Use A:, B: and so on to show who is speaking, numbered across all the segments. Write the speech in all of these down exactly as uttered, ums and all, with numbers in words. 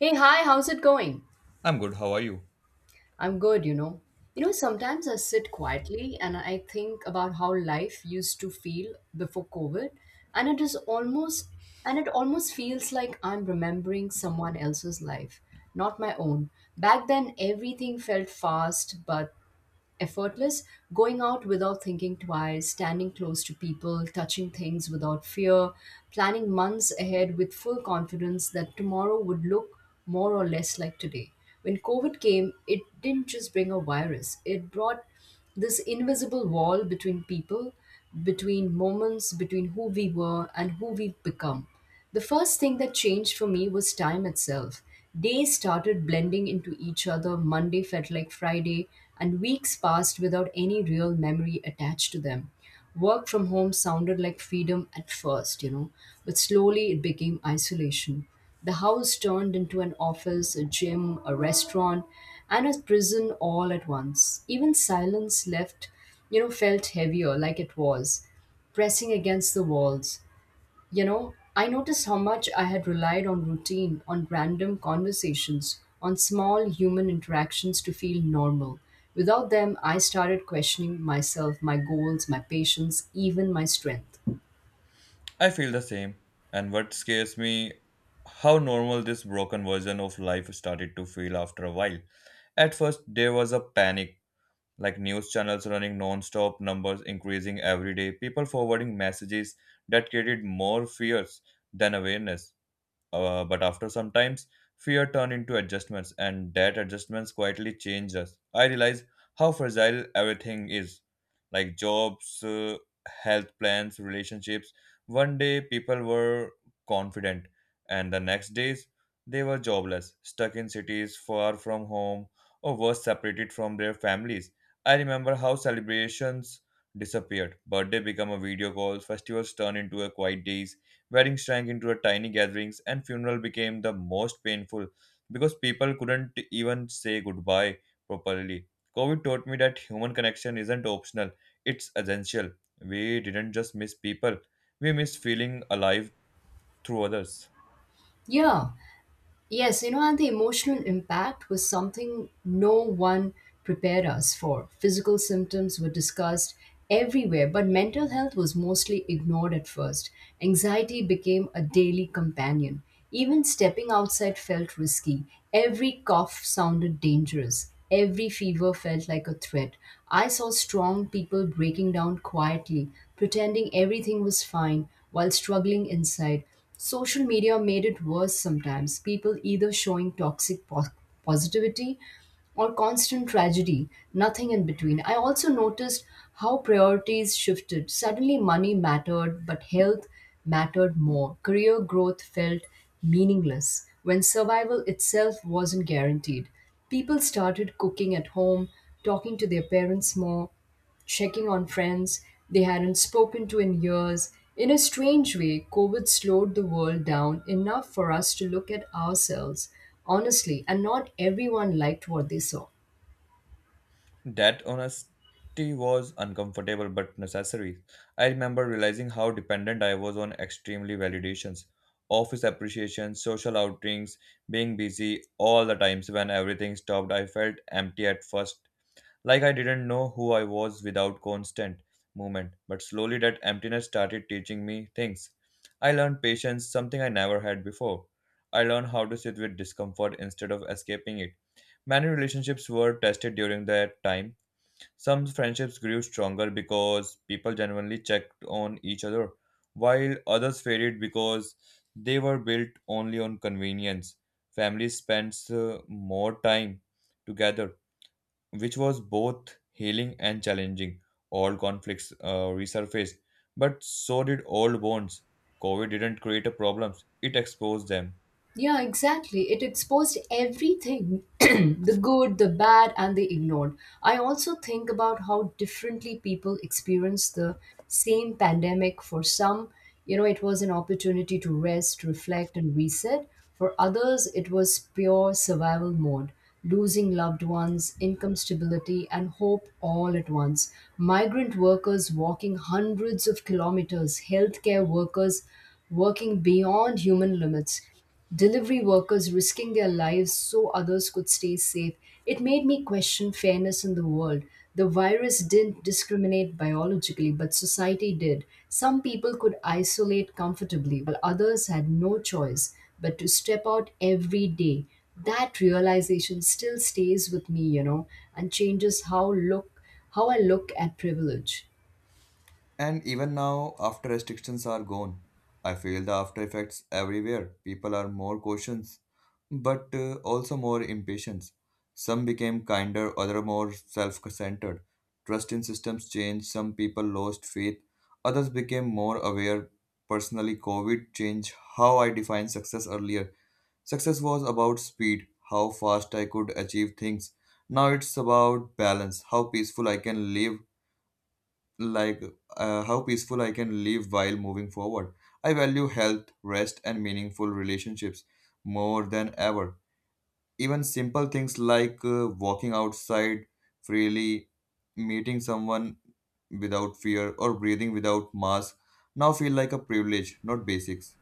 A: Hey, hi, how's it going?
B: I'm good, how are you?
A: I'm good, you know. You know, sometimes I sit quietly and I think about how life used to feel before COVID, and it is almost and it almost feels like I'm remembering someone else's life, not my own. Back then everything felt fast, but effortless, going out without thinking twice, standing close to people, touching things without fear, planning months ahead with full confidence that tomorrow would look more or less like today. When COVID came, it didn't just bring a virus, it brought this invisible wall between people, between moments, between who we were and who we've become. The first thing that changed for me was time itself. Days started blending into each other, Monday felt like Friday, and weeks passed without any real memory attached to them. Work from home sounded like freedom at first, you know, but slowly it became isolation. The house turned into an office, a gym, a restaurant, and a prison all at once. Even silence left, you know, felt heavier, like it was pressing against the walls. You know, I noticed how much I had relied on routine, on random conversations, on small human interactions to feel normal. Without them, I started questioning myself, my goals, my patience, even my strength.
B: I feel the same. And what scares me how normal this broken version of life started to feel after a while. At first there was a panic, like news channels running non-stop, numbers increasing every day, people forwarding messages that created more fears than awareness. Uh, but after some times, fear turned into adjustments, and that adjustments quietly changed us. I realized how fragile everything is, like jobs, uh, health plans, relationships. One day people were confident, and the next days they were jobless, stuck in cities far from home, or worse, separated from their families. I remember how celebrations disappeared. Birthday became a video call, festivals turned into a quiet days. Weddings shrank into a tiny gatherings, and funeral became the most painful because people couldn't even say goodbye properly. COVID taught me that human connection isn't optional, it's essential. We didn't just miss people, we missed feeling alive through others.
A: Yeah, yes, you know, and the emotional impact was something no one prepared us for. Physical symptoms were discussed everywhere, but mental health was mostly ignored at first. Anxiety became a daily companion. Even stepping outside felt risky. Every cough sounded dangerous. Every fever felt like a threat. I saw strong people breaking down quietly, pretending everything was fine while struggling inside. Social media made it worse sometimes. People either showing toxic po- positivity or constant tragedy, nothing in between. I also noticed how priorities shifted. Suddenly, money mattered, but health mattered more. Career growth felt meaningless when survival itself wasn't guaranteed. People started cooking at home, talking to their parents more, checking on friends they hadn't spoken to in years. In a strange way, COVID slowed the world down enough for us to look at ourselves honestly, and not everyone liked what they saw.
B: That honesty was uncomfortable but necessary. I remember realizing how dependent I was on extremely validations, office appreciations, social outings, being busy all the times when everything stopped. I felt empty at first, like I didn't know who I was without constant movement. But slowly, that emptiness started teaching me things. I learned patience, something I never had before. I learned how to sit with discomfort instead of escaping it. Many relationships were tested during that time. Some friendships grew stronger because people genuinely checked on each other, while others faded because they were built only on convenience. Families spent uh, more time together, which was both healing and challenging. All conflicts uh, resurfaced, but so did old bonds. COVID didn't create a problems; it exposed them.
A: Yeah, exactly. It exposed everything the good, the bad, and the ignored. I also think about how differently people experience the same pandemic. For some, you know, it was an opportunity to rest, reflect, and reset. For others, it was pure survival mode, losing loved ones, income stability, and hope all at once. Migrant workers walking hundreds of kilometers, healthcare workers working beyond human limits, delivery workers risking their lives so others could stay safe. It made me question fairness in the world. The virus didn't discriminate biologically, but society did. Some people could isolate comfortably, while others had no choice but to step out every day. That realization still stays with me, you know, and changes how look how I look at privilege.
B: And even now, after restrictions are gone, I feel the after effects everywhere. People are more cautious, but uh, also more impatient. Some became kinder, other more self-centered. Trust in systems changed. Some people lost faith. Others became more aware. Personally, COVID changed how I defined success earlier. Success was about speed, how fast I could achieve things. Now it's about balance, how peaceful I can live like uh, how peaceful I can live while moving forward. I value health, rest, and meaningful relationships more than ever. Even simple things like uh, walking outside freely, meeting someone without fear, or breathing without mask now feel like a privilege, not basics.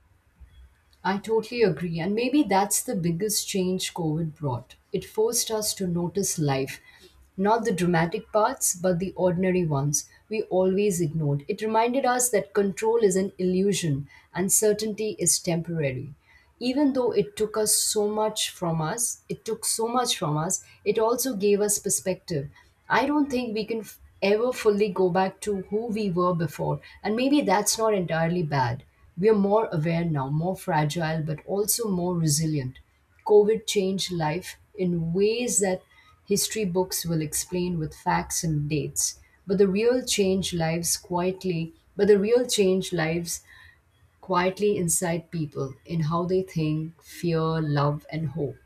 A: I totally agree, and maybe that's the biggest change COVID brought. It forced us to notice life, not the dramatic parts, but the ordinary ones we always ignored. It reminded us that control is an illusion and certainty is temporary. Even though it took us so much from us, it took so much from us, it also gave us perspective. I don't think we can f- ever fully go back to who we were before, and maybe that's not entirely bad. We are more aware now, more fragile, but also more resilient. COVID changed life in ways that history books will explain with facts and dates, but the real change lives quietly, but the real change lives quietly inside people in how they think, fear, love and hope.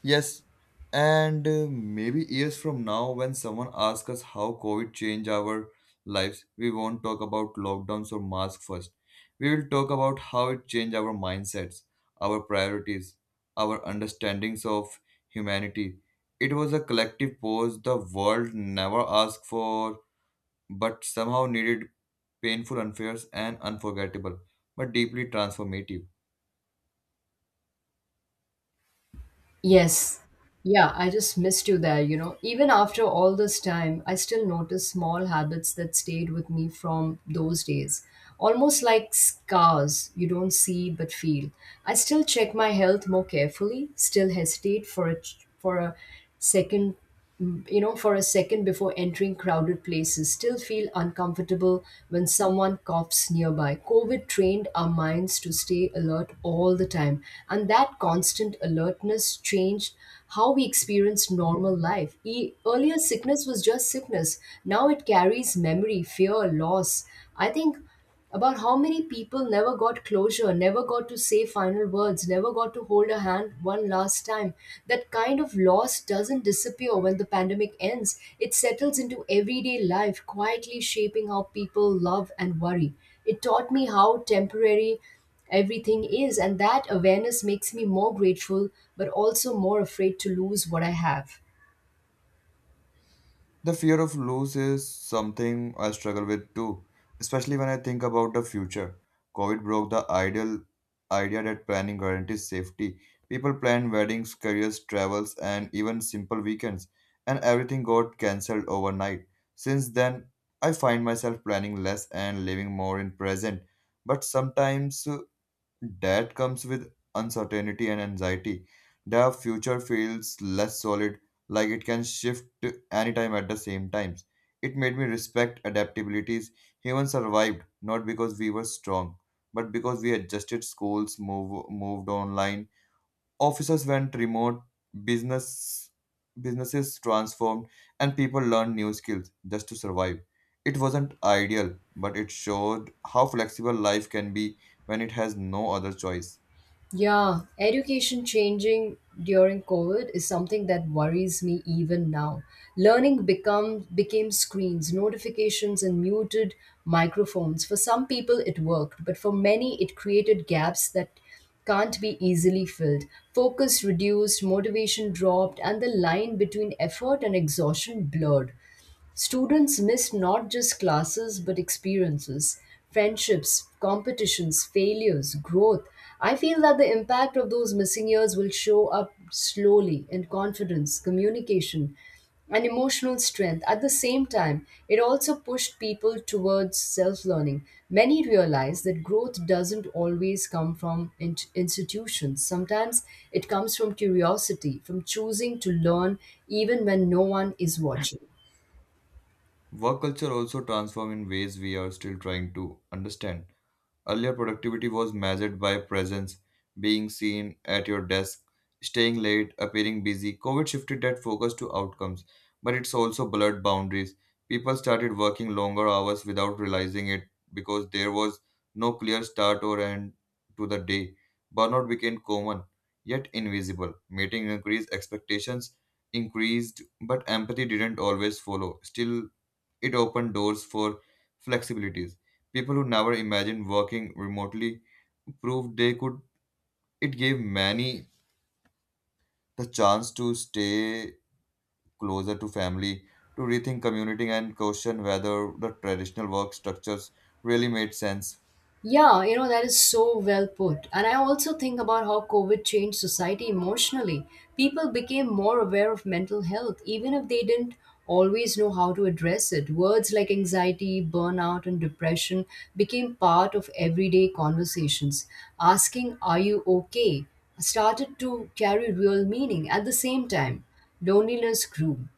B: Yes, and uh, maybe years from now, when someone asks us how COVID changed our lives, we won't talk about lockdowns or masks first. We will talk about how it changed our mindsets, our priorities, our understandings of humanity. It was a collective pause the world never asked for, but somehow needed painful, unfair, and unforgettable, but deeply transformative.
A: Yes. Yeah, I just missed you there, you know. Even after all this time, I still notice small habits that stayed with me from those days. Almost like scars you don't see but feel. I still check my health more carefully, still hesitate for a for a second you know, for a second before entering crowded places, still feel uncomfortable when someone coughs nearby. COVID trained our minds to stay alert all the time, and that constant alertness changed how we experience normal life. E- earlier, sickness was just sickness, now it carries memory, fear, loss. I think about how many people never got closure, never got to say final words, never got to hold a hand one last time. That kind of loss doesn't disappear when the pandemic ends, it settles into everyday life, quietly shaping how people love and worry. It taught me how temporary everything is, and that awareness makes me more grateful but also more afraid to lose what I have.
B: The fear of lose is something I struggle with too, especially when I think about the future. COVID broke the ideal idea that planning guarantees safety. People planned weddings, careers, travels, and even simple weekends, and everything got cancelled overnight. Since then, I find myself planning less and living more in present. But sometimes uh, that comes with uncertainty and anxiety. Their future feels less solid, like it can shift to anytime at the same times. It made me respect adaptabilities. Humans survived not because we were strong, but because we adjusted schools, move, moved online. Offices went remote, business businesses transformed, and people learned new skills just to survive. It wasn't ideal, but it showed how flexible life can be when it has no other choice.
A: Yeah, education changing during COVID is something that worries me even now. Learning become became screens, notifications, and muted microphones. For some people it worked, but for many it created gaps that can't be easily filled. Focus reduced, motivation dropped, and the line between effort and exhaustion blurred. Students miss not just classes but experiences, friendships, competitions, failures, growth. I feel that the impact of those missing years will show up slowly in confidence, communication, and emotional strength. At the same time, it also pushed people towards self learning. Many realize that growth doesn't always come from in- institutions, sometimes it comes from curiosity, from choosing to learn even when no one is watching.
B: Work culture also transformed in ways we are still trying to understand. Earlier, productivity was measured by presence, being seen at your desk, staying late, appearing busy. COVID shifted that focus to outcomes, but it's also blurred boundaries. People started working longer hours without realizing it because there was no clear start or end to the day. Burnout became common, yet invisible. Meeting increased expectations increased, but empathy didn't always follow. Still, it opened doors for flexibilities. People who never imagined working remotely proved they could. It gave many the chance to stay closer to family, to rethink community, and question whether the traditional work structures really made sense.
A: Yeah, you know, that is so well put. And I also think about how COVID changed society emotionally. People became more aware of mental health, even if they didn't always know how to address it. Words like anxiety, burnout, and depression became part of everyday conversations. Asking, "Are you okay?" started to carry real meaning at the same time. Loneliness grew.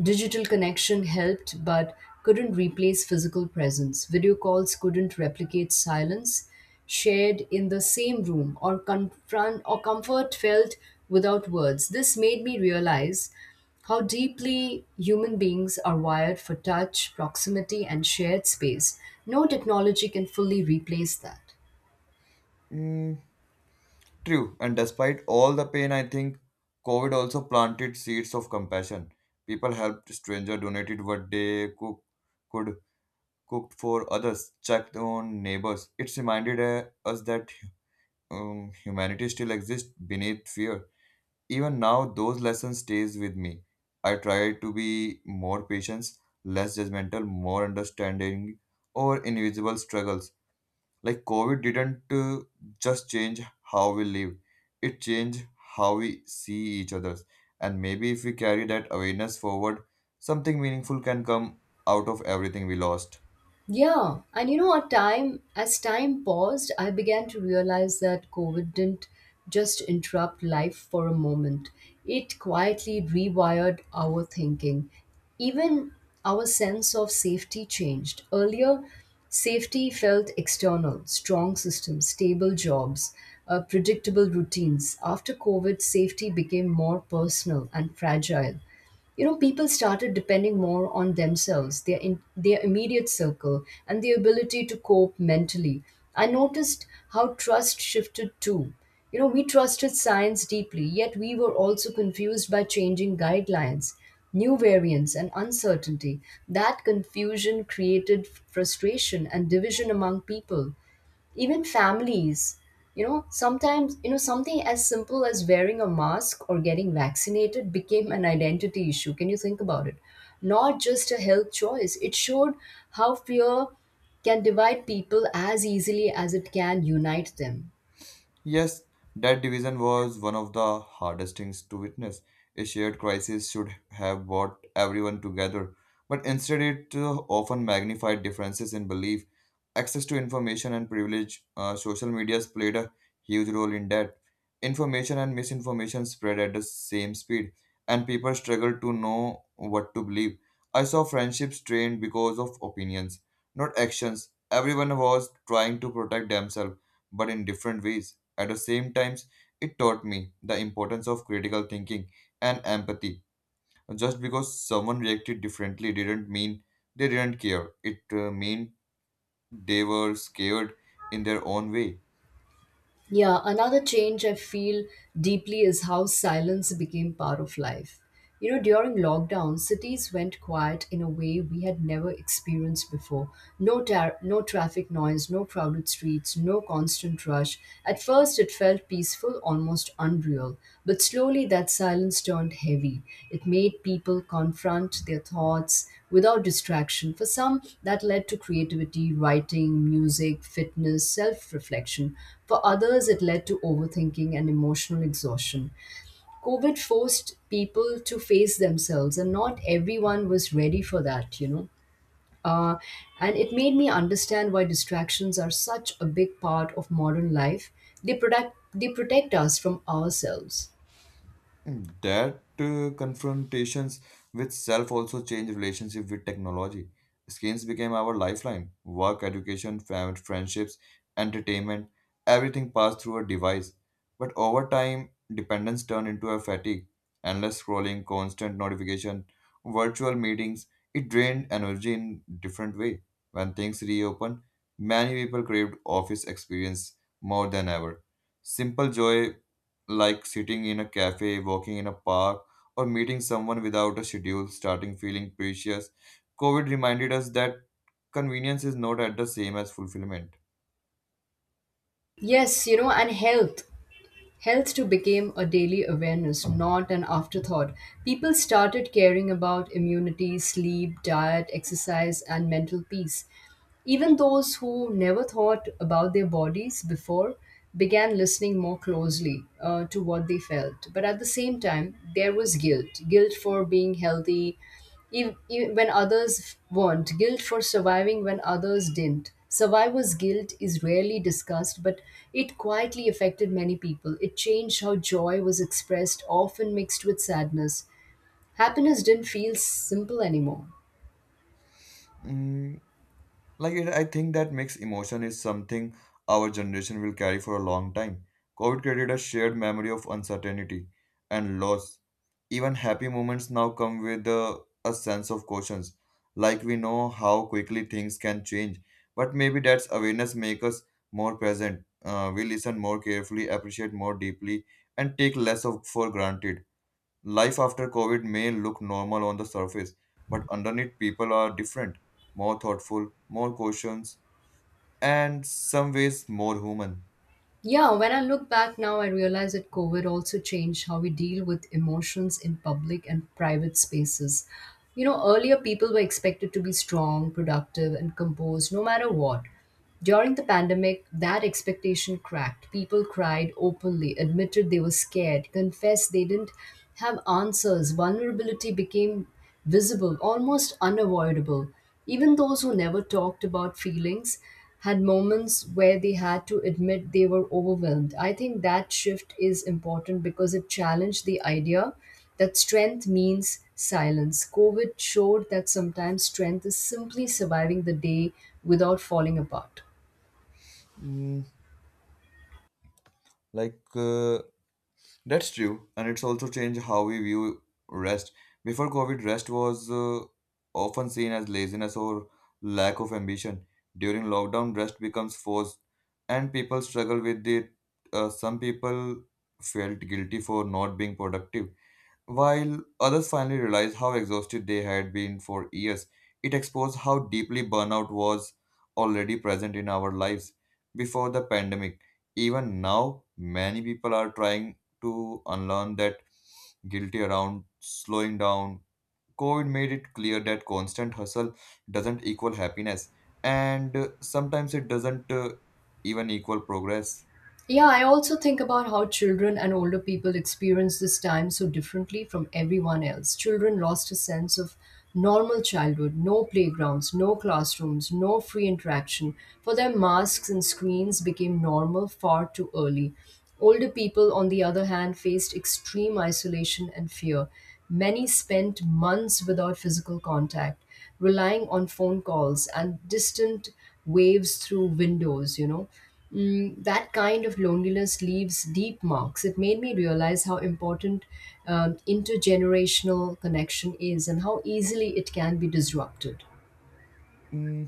A: Digital connection helped but couldn't replace physical presence. Video calls couldn't replicate silence shared in the same room or confront or comfort felt without words. This made me realize how deeply human beings are wired for touch, proximity and shared space. No technology can fully replace that.
B: Mm, true. And despite all the pain, I think COVID also planted seeds of compassion. People helped strangers, donated what they cook, could, cooked for others, checked on neighbors. It reminded uh, us that um, humanity still exists beneath fear. Even now, those lessons stays with me. I try to be more patient, less judgmental, more understanding over invisible struggles. Like COVID didn't uh, just change how we live; it changed how we see each other. And maybe if we carry that awareness forward, something meaningful can come out of everything we lost.
A: Yeah, and you know what, time as time paused, I began to realize that COVID didn't just interrupt life for a moment. It quietly rewired our thinking. Even our sense of safety changed. Earlier, safety felt external, strong systems, stable jobs, uh, predictable routines. After COVID, safety became more personal and fragile. You know people started depending more on themselves, their in, their immediate circle, and the ability to cope mentally. I noticed how trust shifted too. You know we trusted science deeply, yet we were also confused by changing guidelines, new variants, and uncertainty. That confusion created frustration and division among people, even families. You know sometimes you know something as simple as wearing a mask or getting vaccinated became an identity issue. Can you think about it? Not just a health choice. It showed how fear can divide people as easily as it can unite them.
B: Yes, that division was one of the hardest things to witness. A shared crisis should have brought everyone together, but instead it uh, often magnified differences in belief. Access to information and privilege, uh, social medias played a huge role in that. Information and misinformation spread at the same speed, and people struggled to know what to believe. I saw friendships strained because of opinions, not actions. Everyone was trying to protect themselves, but in different ways. At the same time, it taught me the importance of critical thinking and empathy. Just because someone reacted differently didn't mean they didn't care. It uh, meant they were scared in their own way.
A: Yeah, another change I feel deeply is how silence became part of life. You know, during lockdown, cities went quiet in a way we had never experienced before. No tar- no traffic noise, no crowded streets, no constant rush. At first it felt peaceful almost unreal. But slowly that silence turned heavy. It made people confront their thoughts without distraction. For some, that led to creativity, writing, music, fitness, self reflection. For others, it led to overthinking and emotional exhaustion. COVID forced people to face themselves, and not everyone was ready for that, you know. Uh, and it made me understand why distractions are such a big part of modern life. They protect, they protect us from ourselves.
B: That uh, confrontations with self also change relationship with technology. Screens became our lifeline. Work, education, family, friendships, entertainment, everything passed through a device. But over time, dependence turned into a fatigue. Endless scrolling, constant notification, virtual meetings, it drained energy in different way. When things reopened, many people craved office experience more than ever. Simple joy like sitting in a cafe, walking in a park, or meeting someone without a schedule, starting feeling precious. COVID reminded us that convenience is not at the same as fulfillment.
A: Yes, you know, and health. Health too became a daily awareness, not an afterthought. People started caring about immunity, sleep, diet, exercise, and mental peace. Even those who never thought about their bodies before began listening more closely, uh, to what they felt. But at the same time, there was guilt guilt for being healthy ev- ev- when others weren't, guilt for surviving when others didn't. Survivor's guilt is rarely discussed, but it quietly affected many people. It changed how joy was expressed, often mixed with sadness. Happiness didn't feel simple anymore.
B: Mm, Like it, I think that mixed emotion is something our generation will carry for a long time. COVID created a shared memory of uncertainty and loss. Even happy moments now come with a, a sense of cautions. Like we know how quickly things can change, but maybe that's awareness makes us more present. Uh, we listen more carefully, appreciate more deeply, and take less of for granted. Life after COVID may look normal on the surface, but underneath, people are different, more thoughtful, more cautious, and some ways more human.
A: Yeah, when I look back now, I realize that COVID also changed how we deal with emotions in public and private spaces. You know, earlier people were expected to be strong, productive, and composed no matter what. During the pandemic, that expectation cracked. People cried openly, admitted they were scared, confessed they didn't have answers. Vulnerability became visible, almost unavoidable. Even those who never talked about feelings had moments where they had to admit they were overwhelmed. I think that shift is important because it challenged the idea that strength means silence. COVID showed that sometimes strength is simply surviving the day without falling apart.
B: Mm, like uh, that's true, and it's also changed how we view rest. Before COVID, rest was uh, often seen as laziness or lack of ambition. During lockdown, rest becomes forced, and people struggle with it. Uh, some people felt guilty for not being productive. While others finally realized how exhausted they had been for years, it exposed how deeply burnout was already present in our lives before the pandemic. Even now, many people are trying to unlearn that guilty around slowing down. COVID made it clear that constant hustle doesn't equal happiness, and uh, sometimes it doesn't uh, even equal progress.
A: Yeah, I also think about how children and older people experience this time so differently from everyone else. Children lost a sense of normal childhood, no playgrounds, no classrooms, no free interaction. For them, masks and screens became normal far too early. Older people, on the other hand, faced extreme isolation and fear. Many spent months without physical contact, relying on phone calls and distant waves through windows, you know. Mm, that kind of loneliness leaves deep marks. It made me realize how important um, intergenerational connection is and how easily it can be disrupted.
B: Mm,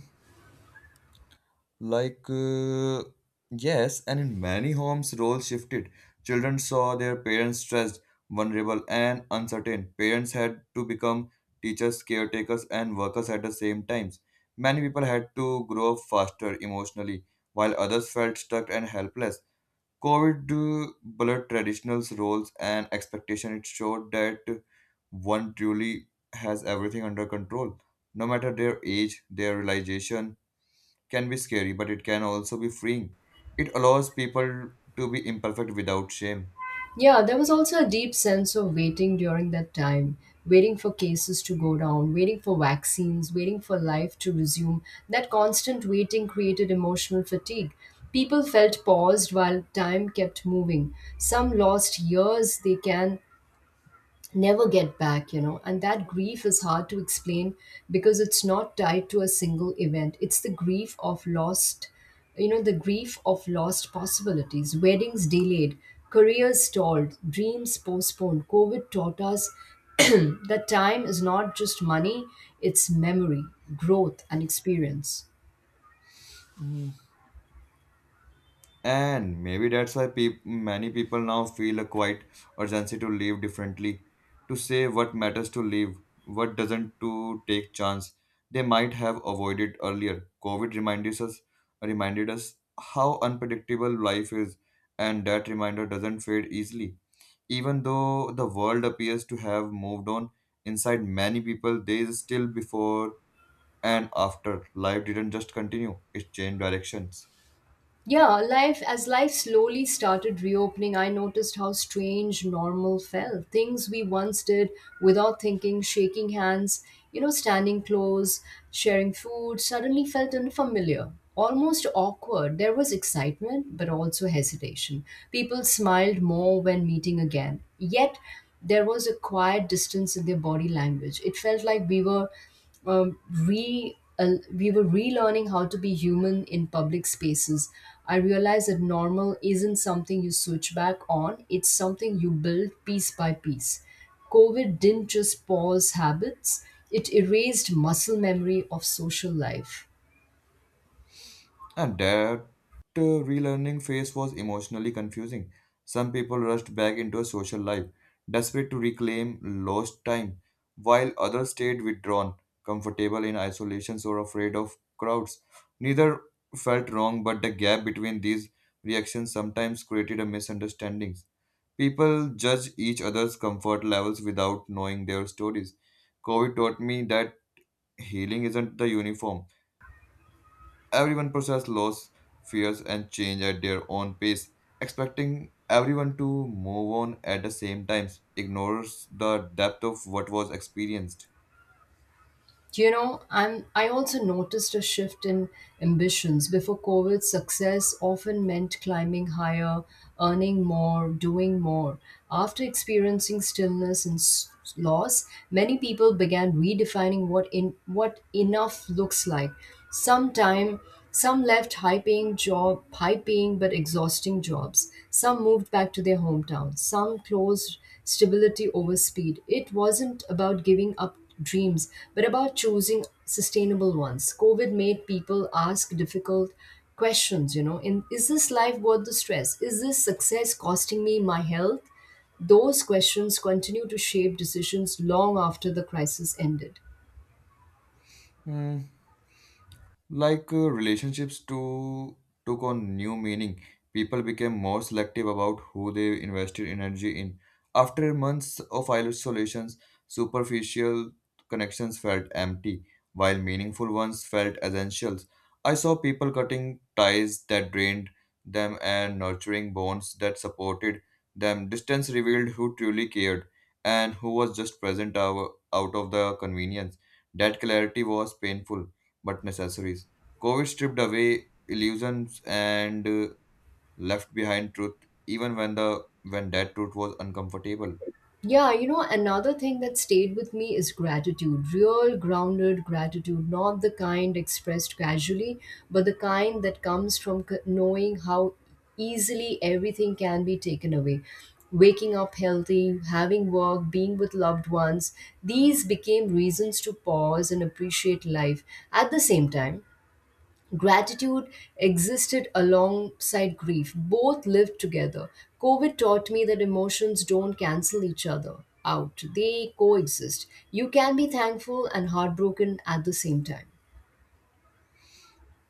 B: Like, uh, yes, and in many homes, roles shifted. Children saw their parents stressed, vulnerable, and uncertain. Parents had to become teachers, caretakers, and workers at the same times. Many people had to grow up faster emotionally, while others felt stuck and helpless. COVID uh, blurred traditional roles and expectation. It showed that one truly has everything under control, no matter their age, their realization, can be scary, but it can also be freeing. It allows people to be imperfect without shame.
A: Yeah, there was also a deep sense of waiting during that time, waiting for cases to go down, waiting for vaccines, waiting for life to resume. That constant waiting created emotional fatigue. People felt paused while time kept moving. Some lost years they can never get back, you know. And that grief is hard to explain because it's not tied to a single event. It's the grief of lost, you know, the grief of lost possibilities, weddings delayed, careers stalled, dreams postponed. COVID taught us that time is not just money, it's memory, growth, and experience.
B: And maybe that's why peop many people now feel a quiet urgency to live differently, to say what matters to live, what doesn't to take chance they might have avoided earlier. COVID reminded us reminded us how unpredictable life is, and that reminder doesn't fade easily. Even though the world appears to have moved on, inside many people there is still before and after, life didn't just continue, it changed directions.
A: Yeah, life as life slowly started reopening, I noticed how strange normal felt. Things we once did without thinking, shaking hands, you know, standing close, sharing food, suddenly felt unfamiliar, almost awkward. There was excitement, but also hesitation. People smiled more when meeting again. Yet there was a quiet distance in their body language. It felt like we were um, re uh, we were relearning how to be human in public spaces. I realized that normal isn't something you switch back on; it's something you build piece by piece. COVID didn't just pause habits; it erased muscle memory of social life.
B: And that uh, relearning phase was emotionally confusing. Some people rushed back into a social life, desperate to reclaim lost time, while others stayed withdrawn, comfortable in isolations or afraid of crowds. Neither felt wrong, but the gap between these reactions sometimes created a misunderstandings. People judge each other's comfort levels without knowing their stories. COVID taught me that healing isn't the uniform. Everyone processes loss, fears, and change at their own pace. Expecting everyone to move on at the same times ignores the depth of what was experienced.
A: You know, I'm I also noticed a shift in ambitions. Before COVID, success often meant climbing higher, earning more, doing more. After experiencing stillness and s- loss, many people began redefining what in what enough looks like. Sometime some left high-paying job, high-paying but exhausting jobs. Some moved back to their hometowns. Some closed stability over speed. It wasn't about giving up dreams, but about choosing sustainable ones. COVID made people ask difficult questions, you know, in is this life worth the stress? Is this success costing me my health? Those questions continue to shape decisions long after the crisis ended.
B: Hmm, Like uh, relationships to took on new meaning. People became more selective about who they invested energy in. After months of isolations, superficial connections felt empty, while meaningful ones felt essential. I saw people cutting ties that drained them and nurturing bonds that supported them. Distance revealed who truly cared and who was just present out out of the convenience. That clarity was painful but necessaries. COVID stripped away illusions and uh, left behind truth, even when the when that truth was uncomfortable.
A: Yeah, you know, another thing that stayed with me is gratitude. Real grounded gratitude, not the kind expressed casually, but the kind that comes from c- knowing how easily everything can be taken away. Waking up healthy, having work, being with loved ones, these became reasons to pause and appreciate life at the same time. Gratitude existed alongside grief. Both lived together. COVID taught me that emotions don't cancel each other out, they coexist. You can be thankful and heartbroken at the same time.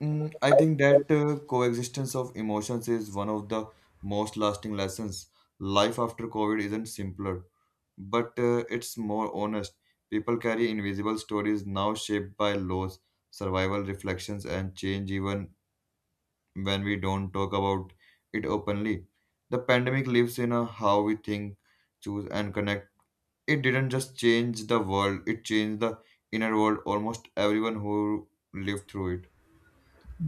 B: Mm, I think that uh, coexistence of emotions is one of the most lasting lessons. Life after COVID isn't simpler, but uh, it's more honest. People carry invisible stories now shaped by loss, survival reflections, and change, even when we don't talk about it openly. The pandemic lives in a how we think, choose, and connect. It didn't just change the world, it changed the inner world almost everyone who lived through it.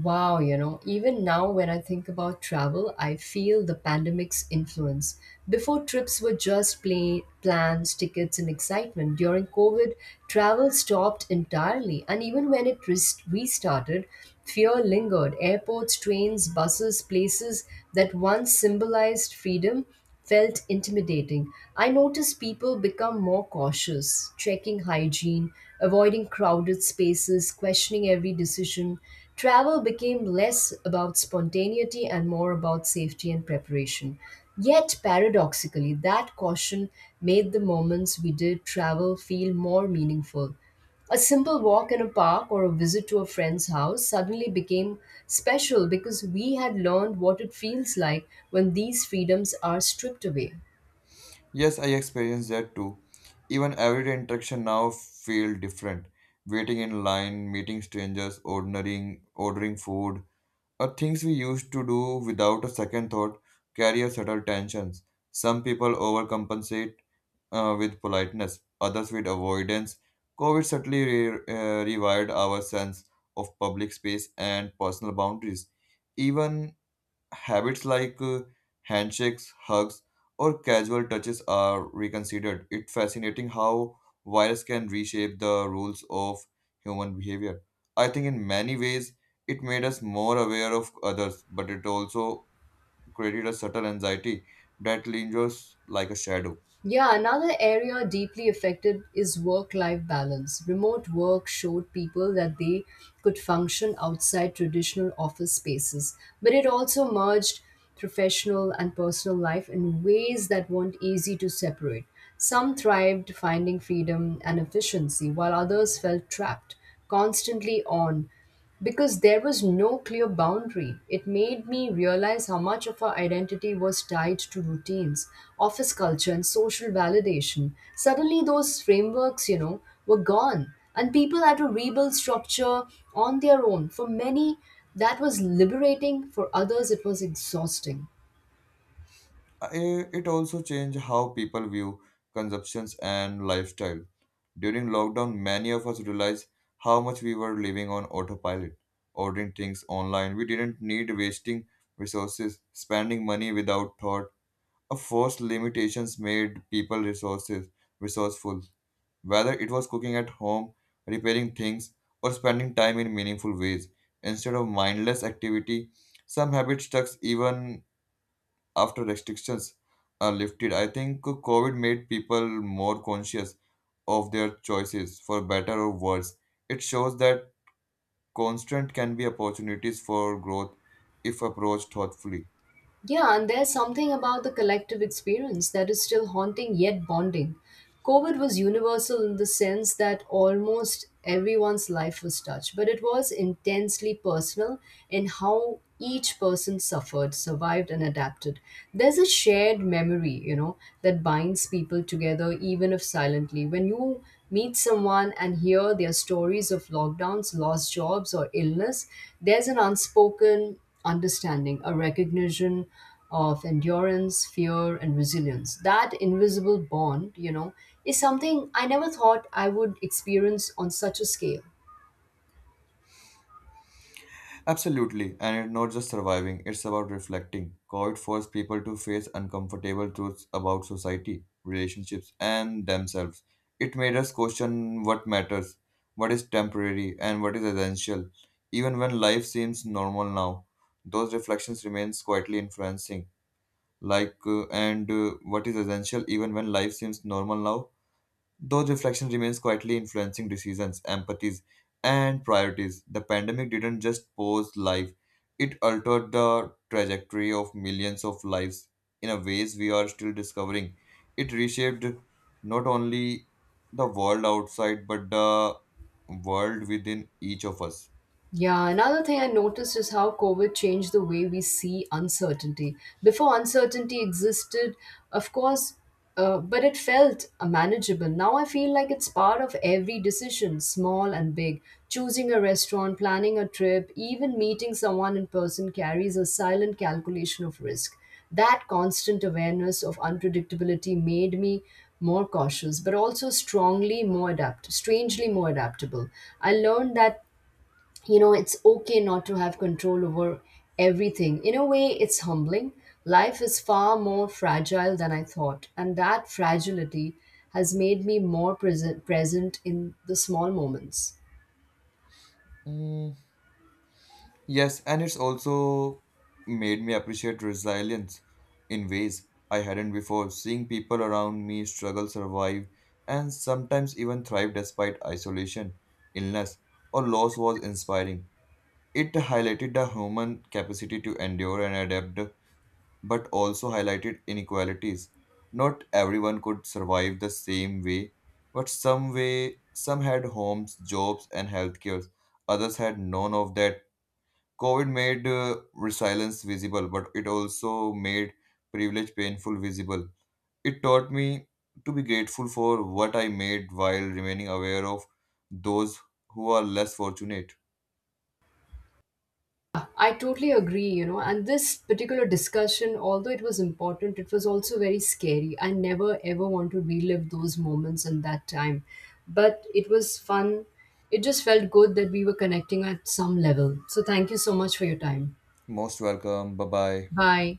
A: Wow, you know, even now when I think about travel, I feel the pandemic's influence. Before, trips were just plain plans, tickets, and excitement. During COVID, travel stopped entirely, and even when it rest- restarted, fear lingered. Airports, trains, buses, places that once symbolized freedom felt intimidating. I noticed people become more cautious, checking hygiene, avoiding crowded spaces, questioning every decision. Travel became less about spontaneity and more about safety and preparation. Yet, paradoxically, that caution made the moments we did travel feel more meaningful. A simple walk in a park or a visit to a friend's house suddenly became special because we had learned what it feels like when these freedoms are stripped away.
B: Yes, I experienced that too. Even everyday interaction now feel different. Waiting in line, meeting strangers, ordering ordering food, or things we used to do without a second thought carry a subtle tensions. Some people overcompensate uh, with politeness, others with avoidance. COVID subtly re- uh, rewired our sense of public space and personal boundaries. Even habits like uh, handshakes, hugs, or casual touches are reconsidered. It's fascinating how virus can reshape the rules of human behavior. I think in many ways it made us more aware of others, but it also created a subtle anxiety that lingers like a shadow.
A: Yeah, another area deeply affected is work life balance. Remote work showed people that they could function outside traditional office spaces, but it also merged professional and personal life in ways that weren't easy to separate. Some thrived, finding freedom and efficiency, while others felt trapped, constantly on because there was no clear boundary. It made me realize how much of our identity was tied to routines, office culture, and social validation. Suddenly, those frameworks, you know, were gone, and people had to rebuild structure on their own. For many, that was liberating, for others, it was exhausting.
B: Uh, It it also changed how people view consumptions and lifestyle. During lockdown, many of us realized how much we were living on autopilot, ordering things online. We didn't need wasting resources, spending money without thought. A forced limitations made people resources resourceful, whether it was cooking at home, repairing things, or spending time in meaningful ways. Instead of mindless activity, some habits stuck even after restrictions are lifted. I think COVID made people more conscious of their choices, for better or worse. It shows that constant can be opportunities for growth if approached thoughtfully.
A: Yeah, and there's something about the collective experience that is still haunting yet bonding. COVID was universal in the sense that almost everyone's life was touched, but it was intensely personal in how each person suffered, survived, and adapted. There's a shared memory, you know, that binds people together, even if silently. When you meet someone and hear their stories of lockdowns, lost jobs, or illness, there's an unspoken understanding, a recognition of endurance, fear, and resilience. That invisible bond, you know, is something I never thought I would experience on such a scale.
B: Absolutely, and it's not just surviving, it's about reflecting. COVID forced people to face uncomfortable truths about society, relationships, and themselves. It made us question what matters, what is temporary, and what is essential. Even when life seems normal now, those reflections remain quietly influencing. Like, uh, and uh, What is essential even when life seems normal now? Those reflection remains quietly influencing decisions, empathies, and priorities. The pandemic didn't just pause life, it altered the trajectory of millions of lives in a ways we are still discovering. It reshaped not only the world outside but the world within each of us.
A: Yeah, another thing I noticed is how COVID changed the way we see uncertainty. Before uncertainty existed, of course, uh, but it felt uh, manageable. Now I feel like it's part of every decision, small and big. Choosing a restaurant, planning a trip, even meeting someone in person carries a silent calculation of risk. That constant awareness of unpredictability made me more cautious, but also strongly more adapt, strangely more adaptable. I learned that you know it's okay not to have control over everything. In a way, it's humbling. Life is far more fragile than I thought, and that fragility has made me more present present in the small moments.
B: Mm, Yes, and it's also made me appreciate resilience in ways I hadn't before. Seeing people around me struggle, survive, and sometimes even thrive despite isolation, illness, or loss was inspiring. It highlighted the human capacity to endure and adapt, but also highlighted inequalities. Not everyone could survive the same way, but some way some had homes, jobs, and health cares. Others had none of that. COVID made uh, resilience visible, but it also made privilege painful visible. It taught me to be grateful for what I made while remaining aware of those who are less fortunate.
A: I totally agree. You know, and this particular discussion, although it was important, it was also very scary. I never ever want to relive those moments and that time, but it was fun. It just felt good that we were connecting at some level. So thank you so much for your time.
B: Most welcome. Bye bye.
A: Bye.